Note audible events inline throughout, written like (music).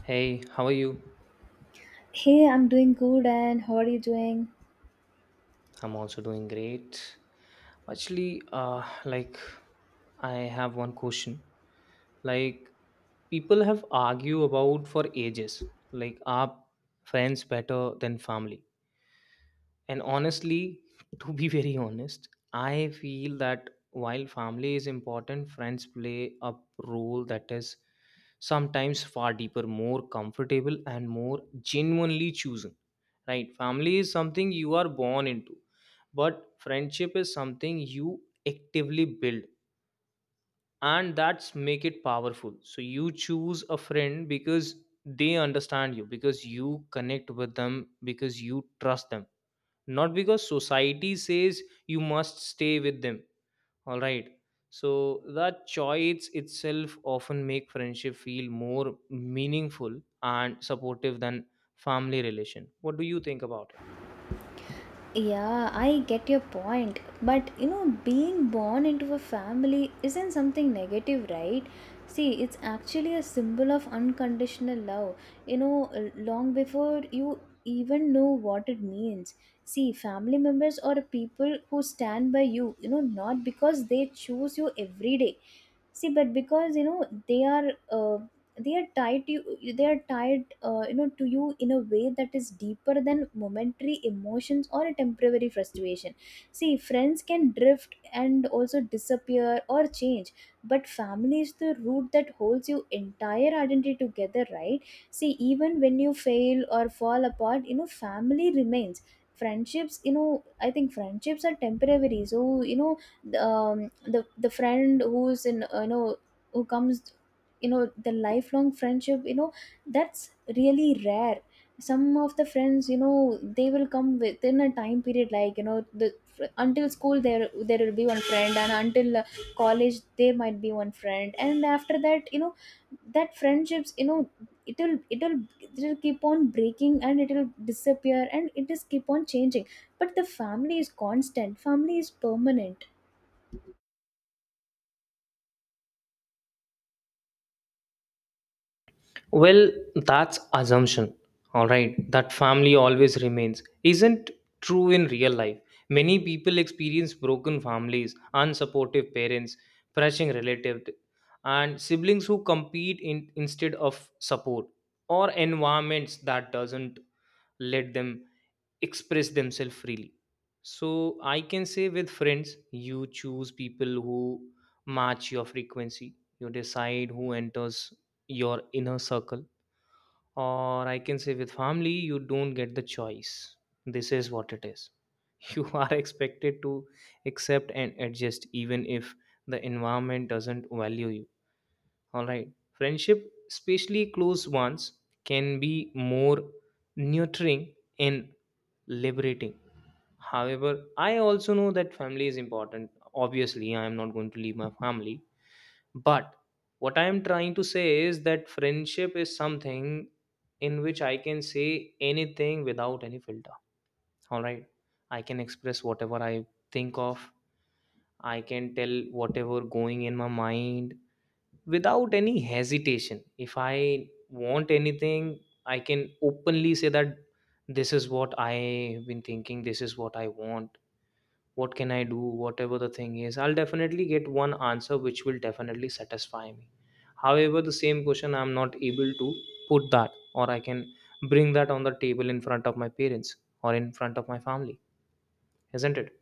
Hey, how are you? Hey, I'm doing good, and how are you doing? I'm also doing great. Actually, like, I have one question. Like, people have argued about for ages. Like, are friends better than family? And honestly, (laughs) to be very honest, I feel that while family is important, friends play a role that is sometimes far deeper, more comfortable, and more genuinely chosen. Right, family is something you are born into, but friendship is something you actively build, and that's make it powerful. So you choose a friend because they understand you, because you connect with them, because you trust them, not because society says you must stay with them. All right, so that choice itself often make friendship feel more meaningful and supportive than family relation. What do you think about it? Yeah, I get your point. But you know, being born into a family isn't something negative, right? See, it's actually a symbol of unconditional love, you know, long before you even know what it means. See, family members are people who stand by you, you know, not because they choose you every day, see, but because you know they are uh, they are tied to you, they are tied you know, to you in a way that is deeper than momentary emotions or a temporary frustration. See, friends can drift and also disappear or change, but family is the root that holds your entire identity together, right? See, even when you fail or fall apart, you know, family remains. Friendships, you know, I think friendships are temporary. So you know, the friend who's in you know, who comes, you know, the lifelong friendship, you know, that's really rare. Some of the friends, you know, they will come within a time period, like, you know, the until school, there will be one friend, and until college there might be one friend, and after that, you know, that friendships, you know, it'll it'll it'll keep on breaking, and it'll disappear, and it just keep on changing. But the family is constant. Family is permanent. Well, that's assumption. All right, that family always remains isn't true in real life. Many people experience broken families, unsupportive parents, pressing relatives, and siblings who compete in, instead of support or environments that doesn't let them express themselves freely. So I can say with friends, you choose people who match your frequency. You decide who enters your inner circle, or I can say with family, you don't get the choice. This is what it is. (laughs) You are expected to accept and adjust, even if the environment doesn't value you. All right. Friendship, especially close ones, can be more nurturing and liberating. However, I also know that family is important. Obviously, I am not going to leave my family, but what I am trying to say is that friendship is something in which I can say anything without any filter. All right. I can express whatever I think of, I can tell whatever going in my mind without any hesitation. If I want anything, I can openly say that this is what I have been thinking, this is what I want. What can I do? Whatever the thing is, I'll definitely get one answer which will definitely satisfy me. However, the same question I'm not able to put that, or I can bring that on the table in front of my parents or in front of my family, isn't it?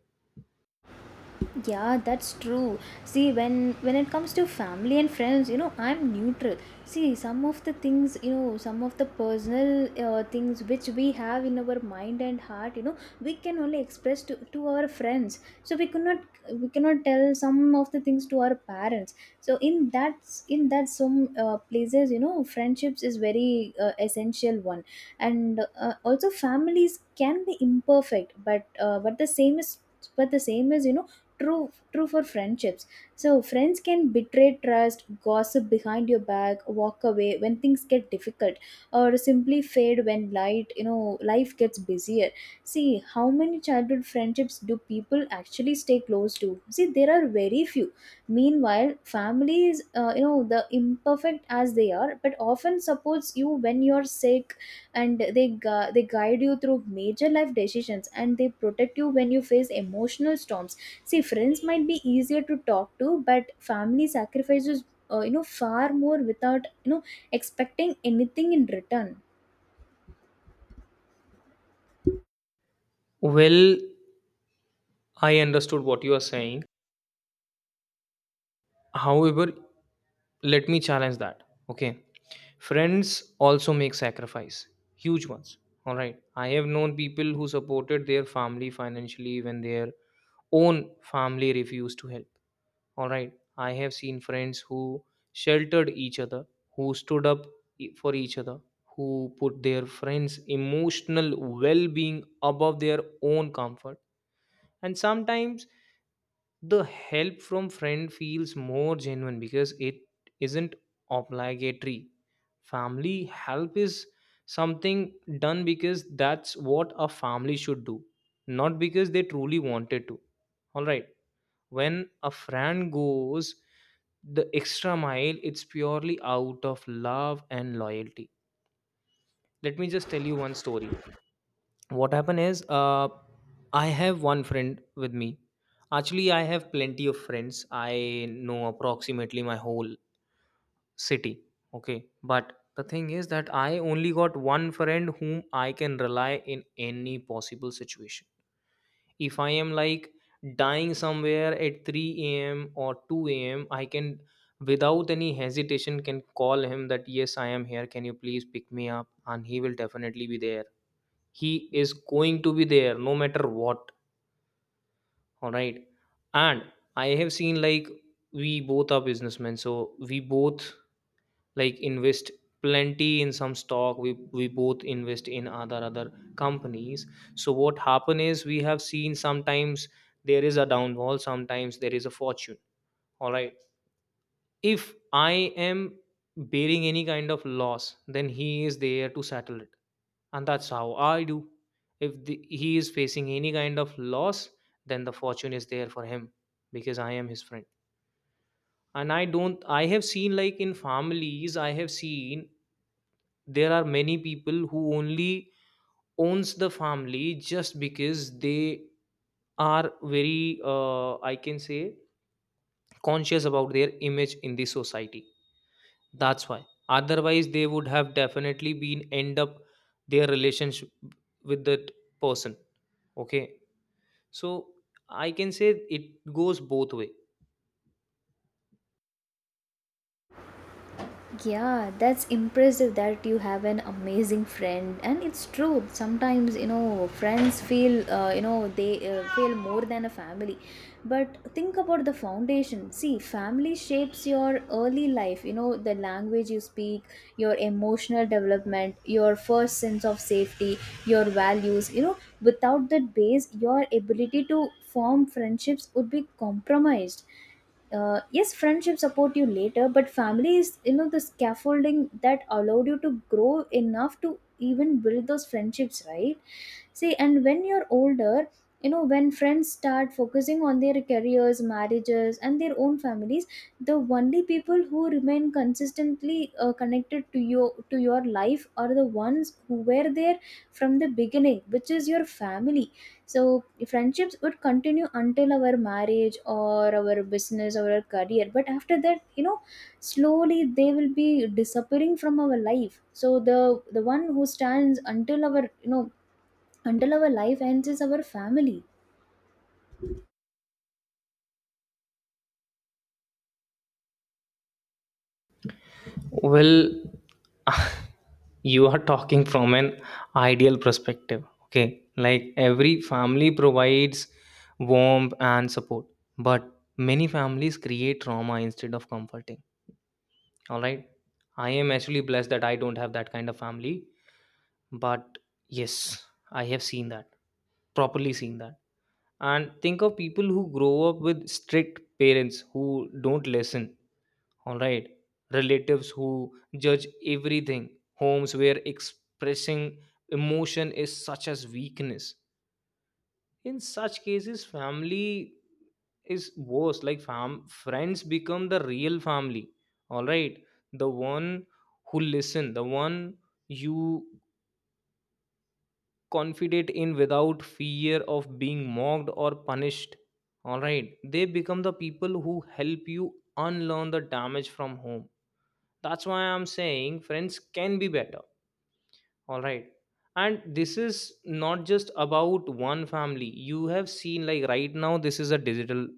Yeah, that's true. See, when it comes to family and friends, you know, I'm neutral. See, some of the things, you know, some of the personal things which we have in our mind and heart, you know, we can only express to our friends. So we cannot, we cannot tell some of the things to our parents. So in that some places, you know, friendships is very essential one, and also families can be imperfect, but the same is you know true, true for friendships. So friends can betray trust, gossip behind your back, walk away when things get difficult, or simply fade when light, you know, life gets busier. See, how many childhood friendships do people actually stay close to? See, there are very few. Meanwhile, families you know, the imperfect as they are, but often supports you when you're sick, and they guide you through major life decisions, and they protect you when you face emotional storms. See, friends might be easier to talk to, but family sacrifices you know, far more without, you know, expecting anything in return. Well, I understood what you are saying. However, let me challenge that. Okay, friends also make sacrifice, huge ones. All right, I have known people who supported their family financially when their own family refused to help. All right. I have seen friends who sheltered each other, who stood up for each other, who put their friends' emotional well being above their own comfort. And sometimes the help from friend feels more genuine because it isn't obligatory. Family help is something done because that's what a family should do, not because they truly wanted to. All right, when a friend goes the extra mile, it's purely out of love and loyalty. Let me just tell you one story. What happened is I have one friend with me. Actually, I have plenty of friends, I know approximately my whole city. Okay, but the thing is that I only got one friend whom I can rely in any possible situation. If I am like dying somewhere at 3 a.m. or 2 a.m., I can without any hesitation can call him that yes, I am here, can you please pick me up, and he will definitely be there. He is going to be there, no matter what. All right. And I have seen like we both are businessmen, so we both like invest plenty in some stock, we both invest in other companies. So what happen is we have seen sometimes there is a downfall, sometimes there is a fortune. All right, if I am bearing any kind of loss, then he is there to settle it, and that's how I do. If he is facing any kind of loss, then the fortune is there for him, because I am his friend. And I don't, I have seen like in families, I have seen there are many people who only owns the family just because they are very, I can say, conscious about their image in the society. That's why, otherwise they would have definitely been end up their relationship with that person. Okay, so I can say it goes both way. Yeah, that's impressive that you have an amazing friend, and it's true. Sometimes you know friends feel you know, they feel more than a family, but think about the foundation. See, family shapes your early life. You know, the language you speak, your emotional development, your first sense of safety, your values. You know, without that base, your ability to form friendships would be compromised. Yes, friendship support you later, but family is, you know, the scaffolding that allowed you to grow enough to even build those friendships, right? See, and when you're older, you know, when friends start focusing on their careers, marriages, and their own families, the only people who remain consistently connected to you, to your life are the ones who were there from the beginning, which is your family. So friendships would continue until our marriage or our business or our career, but after that, you know, slowly they will be disappearing from our life. So the one who stands until our, you know, until our life ends is our family. Well, (laughs) you are talking from an ideal perspective. Okay. Like every family provides warmth and support, but many families create trauma instead of comforting. All right. I am actually blessed that I don't have that kind of family, but yes, I have seen that, properly seen that. And think of people who grow up with strict parents who don't listen, all right. Relatives who judge everything. Homes where expressing emotion is such as weakness. In such cases, family is worse. Like fam friends become the real family. All right. The one who listen, the one you confidate in without fear of being mocked or punished. All right. They become the people who help you unlearn the damage from home. That's why I'm saying friends can be better. All right. And this is not just about one family. You have seen like right now this is a digital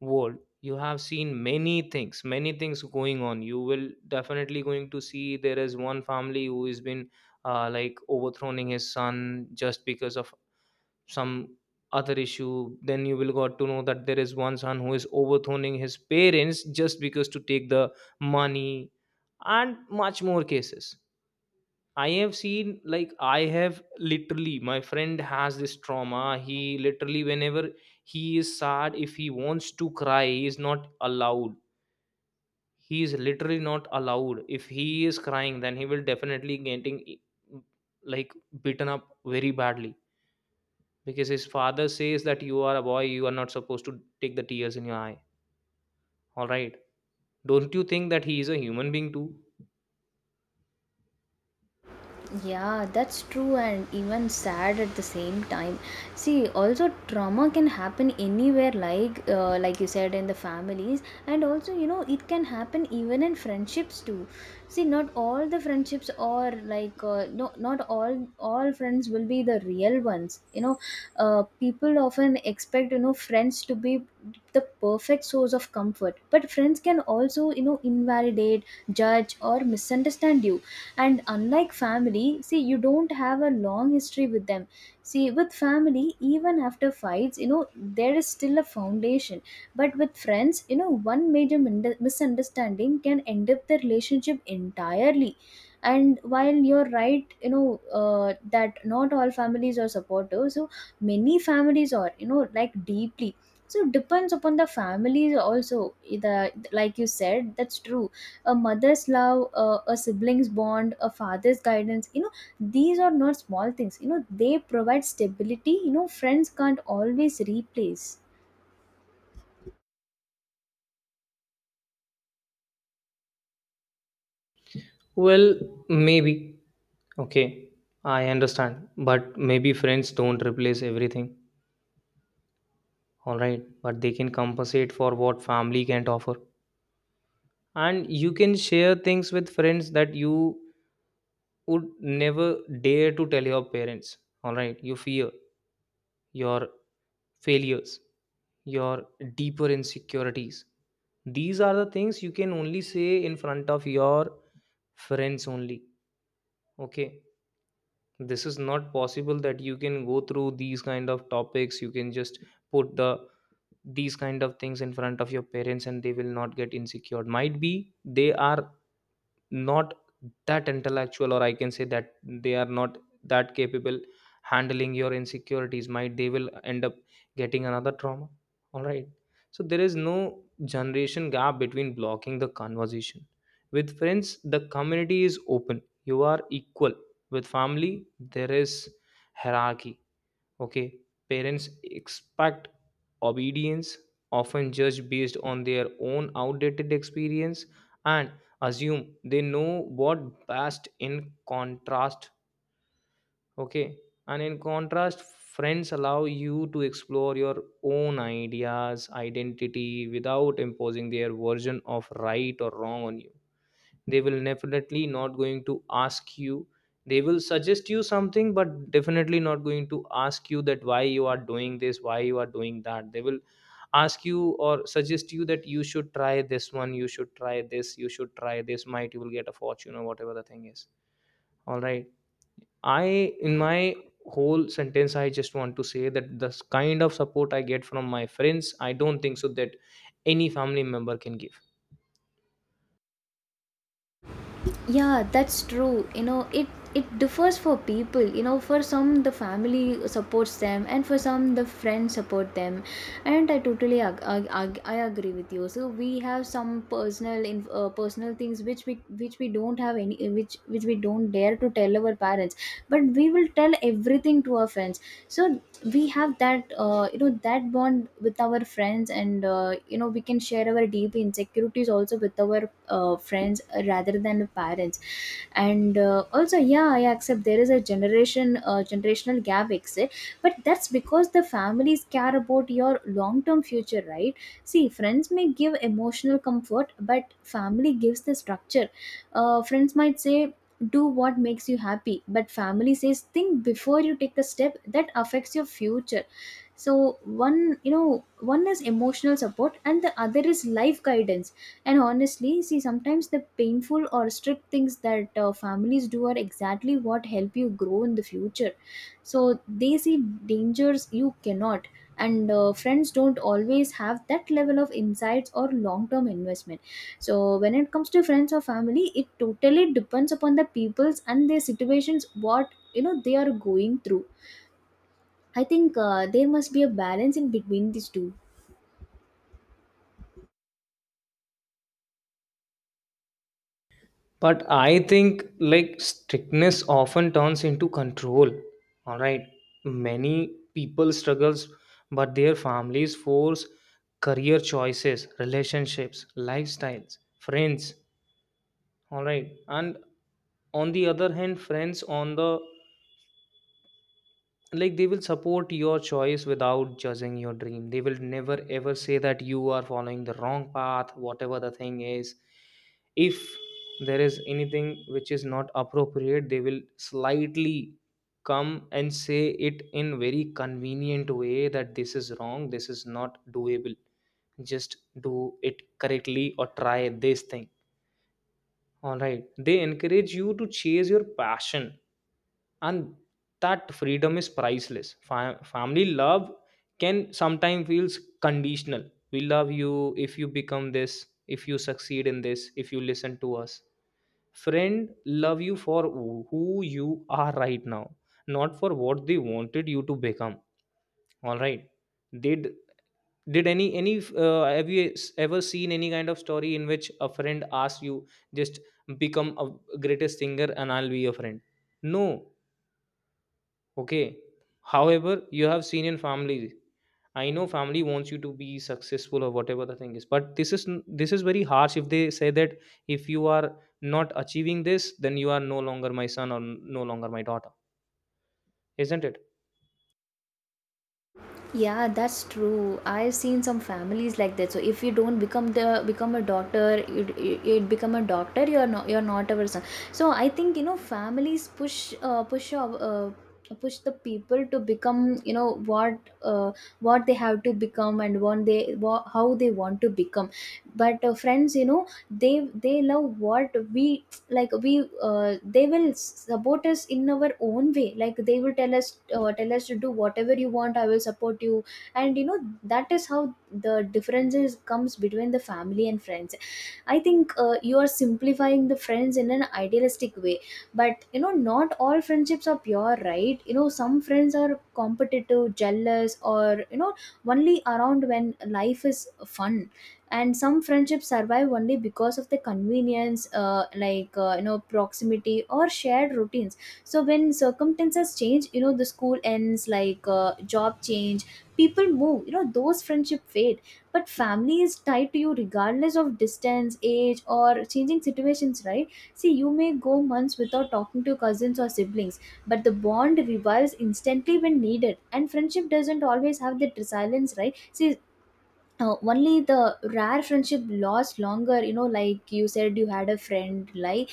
world. You have seen many things going on. You will definitely going to see there is one family who has been, like, overthrowing his son just because of some other issue. Then you will got to know that there is one son who is overthrowing his parents just because to take the money, and much more cases. I have seen like, I have literally, my friend has this trauma. He literally, whenever he is sad, if he wants to cry, he is not allowed. He is literally not allowed. If he is crying, then he will definitely getting like beaten up very badly because his father says that you are a boy, you are not supposed to take the tears in your eye. All right. Don't you think that he is a human being too? Yeah, that's true and even sad at the same time. See, also trauma can happen anywhere, like you said in the families, and also you know it can happen even in friendships too. See, not all the friendships are like no, not all friends will be the real ones. You know, people often expect, you know, friends to be the perfect source of comfort, but friends can also, you know, invalidate, judge, or misunderstand you. And unlike family, see, you don't have a long history with them. See, with family, even after fights, you know, there is still a foundation. But with friends, you know, one major misunderstanding can end up the relationship entirely. And while you're right, you know, that not all families are supportive, so many families are, you know, like deeply, so it depends upon the families also. The, like you said, that's true. A mother's love, a sibling's bond, a father's guidance, you know, these are not small things. You know, they provide stability. You know, friends can't always replace. Well, maybe. Okay, I understand, but maybe friends don't replace everything, alright? But they can compensate for what family can't offer. And you can share things with friends that you would never dare to tell your parents, alright? Your fear, your failures, your deeper insecurities. These are the things you can only say in front of your friends only, okay? This is not possible that you can go through these kind of topics. You can just put these kind of things in front of your parents and they will not get insecure. Might be they are not that intellectual, or I can say that they are not that capable handling your insecurities. Might they will end up getting another trauma. All right. So there is no generation gap between blocking the conversation. With friends, the community is open, you are equal. With family, there is hierarchy. Okay, parents expect obedience, often judged based on their own outdated experience and assume they know what best in contrast. Okay, and in contrast, friends allow you to explore your own ideas, identity without imposing their version of right or wrong on you. They will definitely not going to ask you. They will suggest you something but definitely not going to ask you that why you are doing this, why you are doing that. They will ask you or suggest you that you should try this one, you should try this might you will get a fortune or whatever the thing is. All right. I, in my whole sentence, I just want to say that the kind of support I get from my friends, I don't think so that any family member can give. Yeah, that's true. You know, it differs for people, you know. For some, the family supports them, and for some, the friends support them. And I totally I agree with you. So we have some personal in personal things which we, which we don't have any, which we don't dare to tell our parents, but we will tell everything to our friends. So we have that you know, that bond with our friends, and you know, we can share our deep insecurities also with our friends, rather than parents. And also, yeah, I accept there is a generation generational gap exists, but that's because the families care about your long term future, right? See, friends may give emotional comfort, but family gives the structure. Friends might say do what makes you happy, but family says think before you take a step that affects your future. So one, you know, one is emotional support and the other is life guidance. And honestly, see, sometimes the painful or strict things that families do are exactly what help you grow in the future. So they see dangers you cannot. And friends don't always have that level of insights or long term investment. So when it comes to friends or family, it totally depends upon the people's and their situations, what, you know, they are going through. I think there must be a balance in between these two. But I think like strictness often turns into control. All right. Many people struggles, but their families force career choices, relationships, lifestyles, friends. All right. And on the other hand, friends on the like, they will support your choice without judging your dream. They will never ever say that you are following the wrong path, whatever the thing is. If there is anything which is not appropriate, they will slightly come and say it in very convenient way, that this is wrong, this is not doable, just do it correctly or try this thing. All right. They encourage you to chase your passion, and that freedom is priceless. Family love can sometimes feels conditional. We love you if you become this, if you succeed in this, if you listen to us. Friend love you for who you are right now, not for what they wanted you to become. All right. They d- did any have you ever seen any kind of story in which a friend asks you just become a greatest singer and I'll be your friend? No? Okay. However, you have seen in family. I know family wants you to be successful or whatever the thing is, but this is very harsh if they say that if you are not achieving this, then you are no longer my son or no longer my daughter, isn't it? Yeah, that's true. I've seen some families like that. So if you don't become the become a doctor, it become a doctor, you're not a person. So I think, you know, families push push the people to become, you know, what they have to become, and what they what, how they want to become. But friends, you know, they love what we like, we they will support us in our own way, like they will tell us to do whatever you want, I will support you. And you know that is how the differences comes between the family and friends. I think you are simplifying the friends in an idealistic way, but you know not all friendships are pure, right? You know, some friends are competitive, jealous, or you know, only around when life is fun. And some friendships survive only because of the convenience, like you know, proximity or shared routines. So when circumstances change, you know, the school ends, like job change, people move, you know, those friendship fade. But family is tied to you regardless of distance, age, or changing situations, right? See, you may go months without talking to your cousins or siblings, but the bond revives instantly when needed, and friendship doesn't always have that resilience, right? See, only the rare friendship lasts longer, you know, like you said, you had a friend like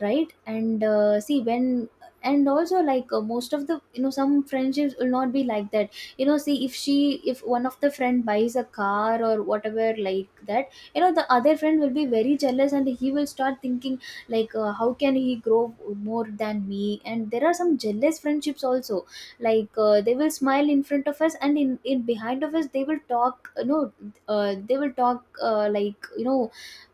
right. And see when, and also like, most of the, you know, some friendships will not be like that. You know, see if she, if one of the friend buys a car or whatever like that, you know, the other friend will be very jealous, and he will start thinking, like, how can he grow more than me? And there are some jealous friendships also, like, they will smile in front of us, and in behind of us they will talk, you know, they will talk, like, you know,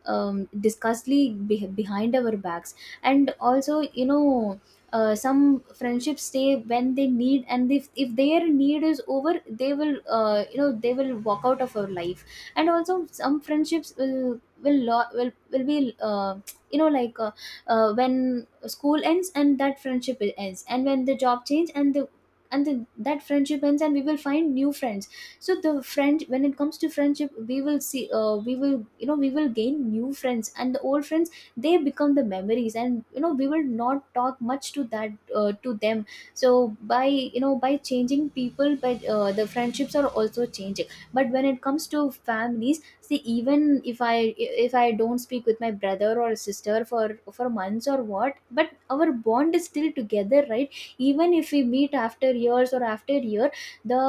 disgustly behind our backs. And also, you know, some friendships stay when they need, and if their need is over, they will, you know, they will walk out of our life. And also some friendships will be you know, like when school ends and that friendship ends, and when the job change and the, and that friendship ends, and we will find new friends. So the friend, when it comes to friendship, we will see, we will, you know, we will gain new friends, and the old friends, they become the memories, and you know, we will not talk much to that to them. So by by changing people by the friendships are also changing. But when it comes to families, see, even if I don't speak with my brother or sister for months or what, but our bond is still together, right? Even if we meet after years or after year, the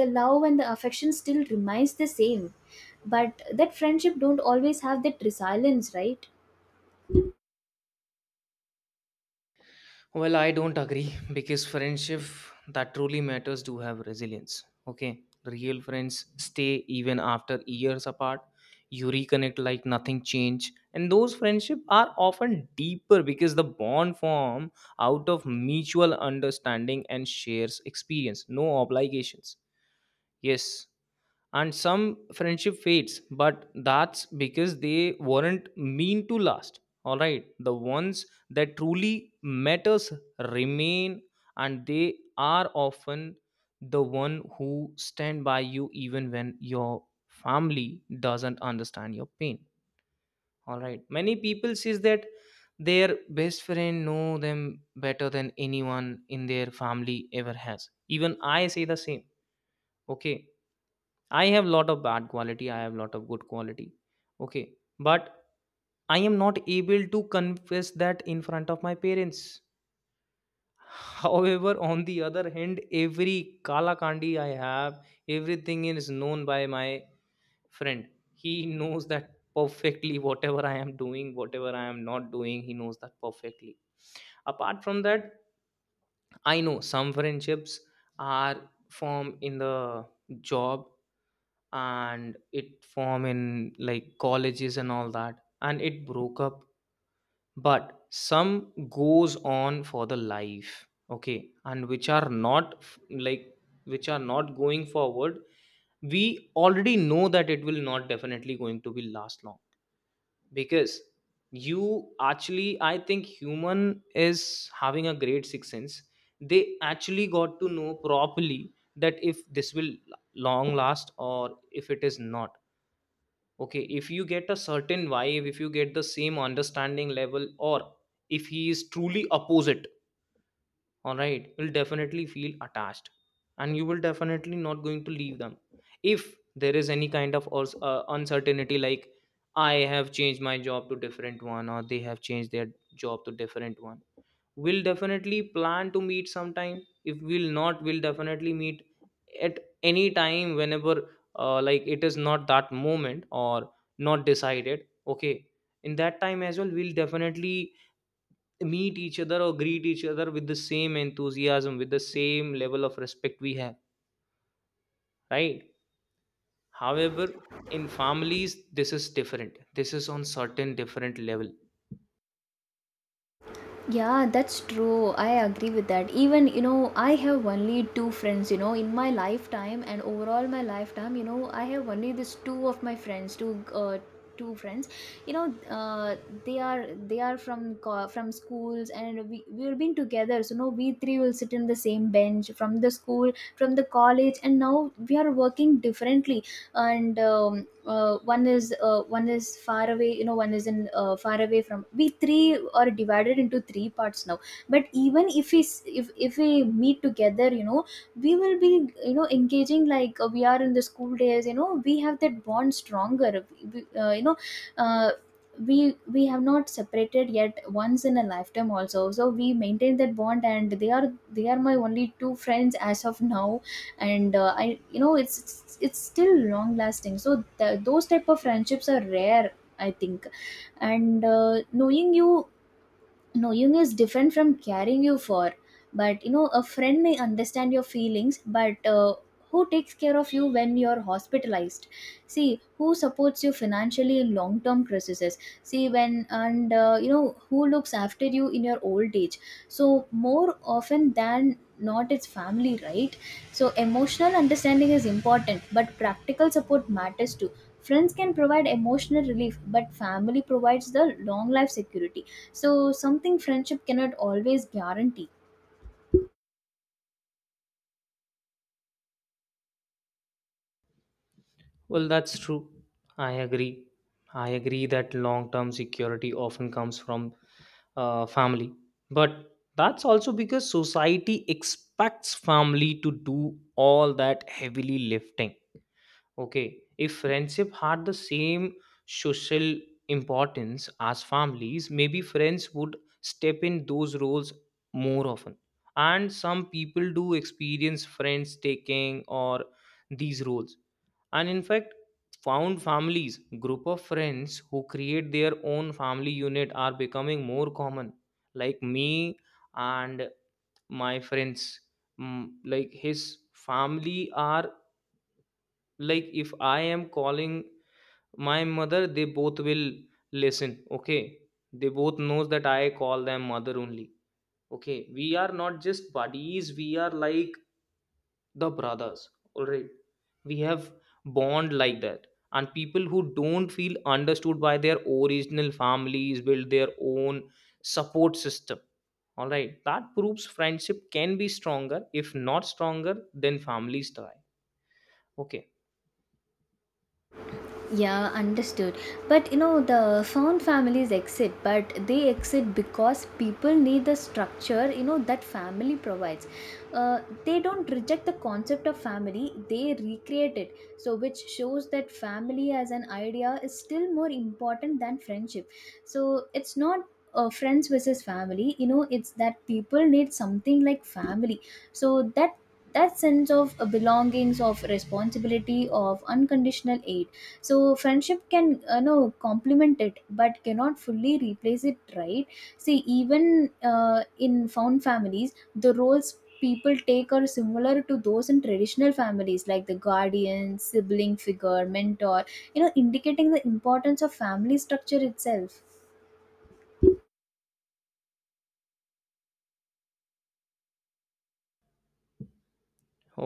the love and the affection still remains the same. But that friendship don't always have that resilience, right? Well, I don't agree, because friendship that truly matters do have resilience. Okay, real friends stay even after years apart. You reconnect like nothing changed, and those friendships are often deeper because the bond form out of mutual understanding and shares experience, no obligations. Yes, and some friendship fades, but that's because they weren't mean to last. All right, the ones that truly matters remain, and they are often the one who stand by you even when your family doesn't understand your pain. All right, many people says that their best friend know them better than anyone in their family ever has. Even I say the same. Okay, I have lot of bad quality, I have lot of good quality. Okay. But I am not able to confess that in front of my parents. (laughs) However, on the other hand, every kala kandi I have, everything is known by my friend. He knows that perfectly. (laughs) Whatever I am doing, whatever I am not doing, he knows that perfectly. Apart from that, I know some friendships are formed in the job, and it form in like colleges and all that, and it broke up, but some goes on for the life. Okay, and which are not f- like which are not going forward, we already know that it will not definitely going to be last long. Because you actually, I think human is having a great sixth sense. They actually got to know properly that if this will long last or if it is not. Okay, if you get a certain vibe, if you get the same understanding level, or if he is truly opposite, all right, you'll definitely feel attached and you will definitely not going to leave them. If there is any kind of uncertainty, like I have changed my job to different one, or they have changed their job to different one, we'll definitely plan to meet sometime. If we'll not, we'll definitely meet at any time whenever, like it is not that moment or not decided. Okay, in that time as well, we'll definitely meet each other or greet each other with the same enthusiasm, with the same level of respect we have, right? However, in families this is different, this is on certain different level. Yeah, that's true. I agree with that. Even, you know, I have only two friends, you know, in my lifetime and overall my lifetime, you know, I have only this two of my friends, two friends. You know, they are from from schools and we we've been together. So no, we three will sit in the same bench from the school, from the college, and now we are working differently. And one is far away, you know, one is in far away from, we three are divided into three parts now. But even if if we meet together, you know, we will be, you know, engaging like we are in the school days. You know, we have that bond stronger. We, we- uh, you know uh, we we have not separated yet once in a lifetime also, so we maintain that bond, and they are my only two friends as of now. And I, you know, it's still long lasting, so those type of friendships are rare, I think. And knowing you, knowing is different from caring you for. But you know, a friend may understand your feelings, but who takes care of you when you're hospitalized? See, who supports you financially in long term crises? See, when and you know, who looks after you in your old age? So more often than not, it's family, right? So emotional understanding is important, but practical support matters too. Friends can provide emotional relief, but family provides the long life security, so something friendship cannot always guarantee. Well, that's true. I agree. I agree that long term security often comes from family. But that's also because society expects family to do all that heavily lifting. Okay, if friendship had the same social importance as families, maybe friends would step in those roles more often. And some people do experience friends taking or these roles, and in fact, found families, group of friends who create their own family unit, are becoming more common. Like me and my friends. Mm, like his family are, like, if I am calling my mother, they both will listen. Okay, they both knows that I call them mother only. Okay, we are not just buddies, we are like the brothers. All right, we have bond like that. And people who don't feel understood by their original families build their own support system. All right, that proves friendship can be stronger, if not stronger then families die. Okay. Yeah, understood. But you know, the found families exit, but they exit because people need the structure, you know, that family provides. They don't reject the concept of family, they recreate it. So, which shows that family as an idea is still more important than friendship. So, it's not friends versus family, you know, it's that people need something like family. So, that sense of belongings, of responsibility, of unconditional aid, so friendship can, you know, complement it but cannot fully replace it, right? See, even in found families, the roles people take are similar to those in traditional families, like the guardian, sibling figure, mentor, you know, indicating the importance of family structure itself.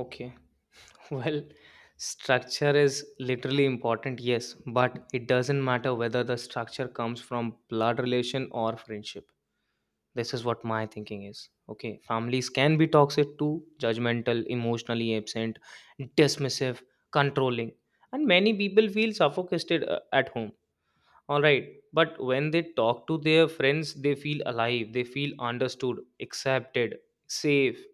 Okay. (laughs) Well, structure is literally important, yes, but it doesn't matter whether the structure comes from blood relation or friendship. This is what my thinking is. Okay, families can be toxic too: judgmental, emotionally absent, dismissive, controlling, and many people feel suffocated at home. All right, but when they talk to their friends, they feel alive, they feel understood, accepted, safe.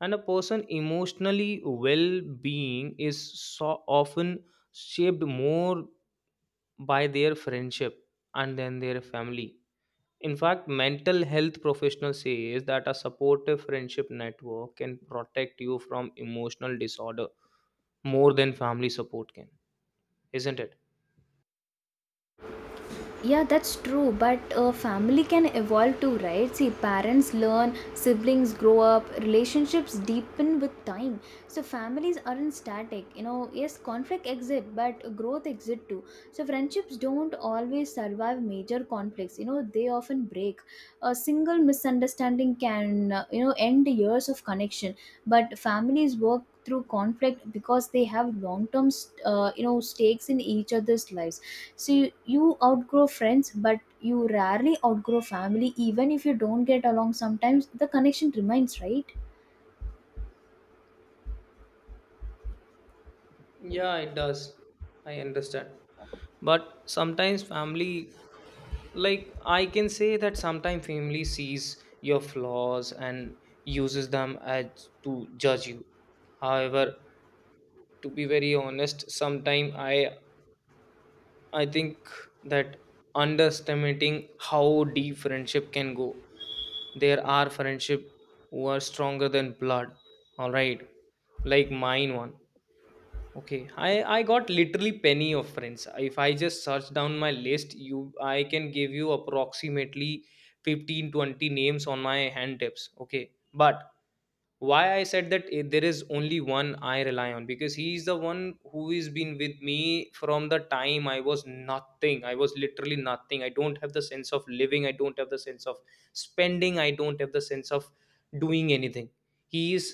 And a person emotionally well-being is so often shaped more by their friendship and then their family. In fact, mental health professionals says that a supportive friendship network can protect you from emotional disorder more than family support can, isn't it? Yeah, that's true. But family can evolve too, right? See, parents learn, siblings grow up, relationships deepen with time. So families aren't static. You know, yes, conflict exists, but growth exists too. So friendships don't always survive major conflicts. You know, they often break. A single misunderstanding can, you know, end years of connection. But families work through conflict because they have long-term, you know, stakes in each other's lives. So you outgrow friends, but you rarely outgrow family. Even if you don't get along sometimes, the connection remains, right? Yeah, it does. I understand. But sometimes family, like, I can say that sometimes family sees your flaws and uses them as to judge you. However, to be very honest, sometimes I think that underestimating how deep friendship can go. There are friendship who are stronger than blood. All right, like mine one. Okay, I got literally penny of friends. If I just search down my list, you I can give you approximately 15-20 names on my hand tips. Okay, but why I said that, eh, there is only one I rely on, because he is the one who is been with me from the time I was nothing. I was literally nothing. I don't have the sense of living. I don't have the sense of spending. I don't have the sense of doing anything. He is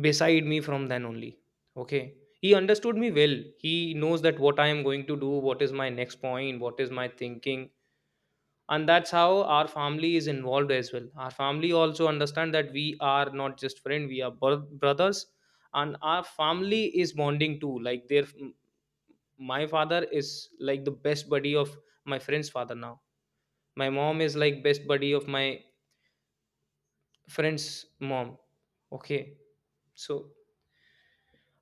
beside me from then only. Okay, he understood me well. He knows that what I am going to do, what is my next point, what is my thinking. And that's how our family is involved as well. Our family also understand that we are not just friend, we are brothers. And our family is bonding too. Like their, my father is like the best buddy of my friend's father. Now my mom is like best buddy of my friend's mom. Okay, so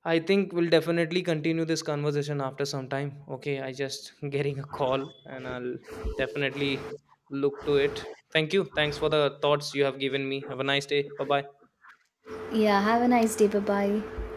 I think we'll definitely continue this conversation after some time. Okay, I just (laughs) getting a call, and I'll definitely look to it. Thank you. Thanks for the thoughts you have given me. Have a nice day. Bye bye. Yeah, have a nice day. Bye bye.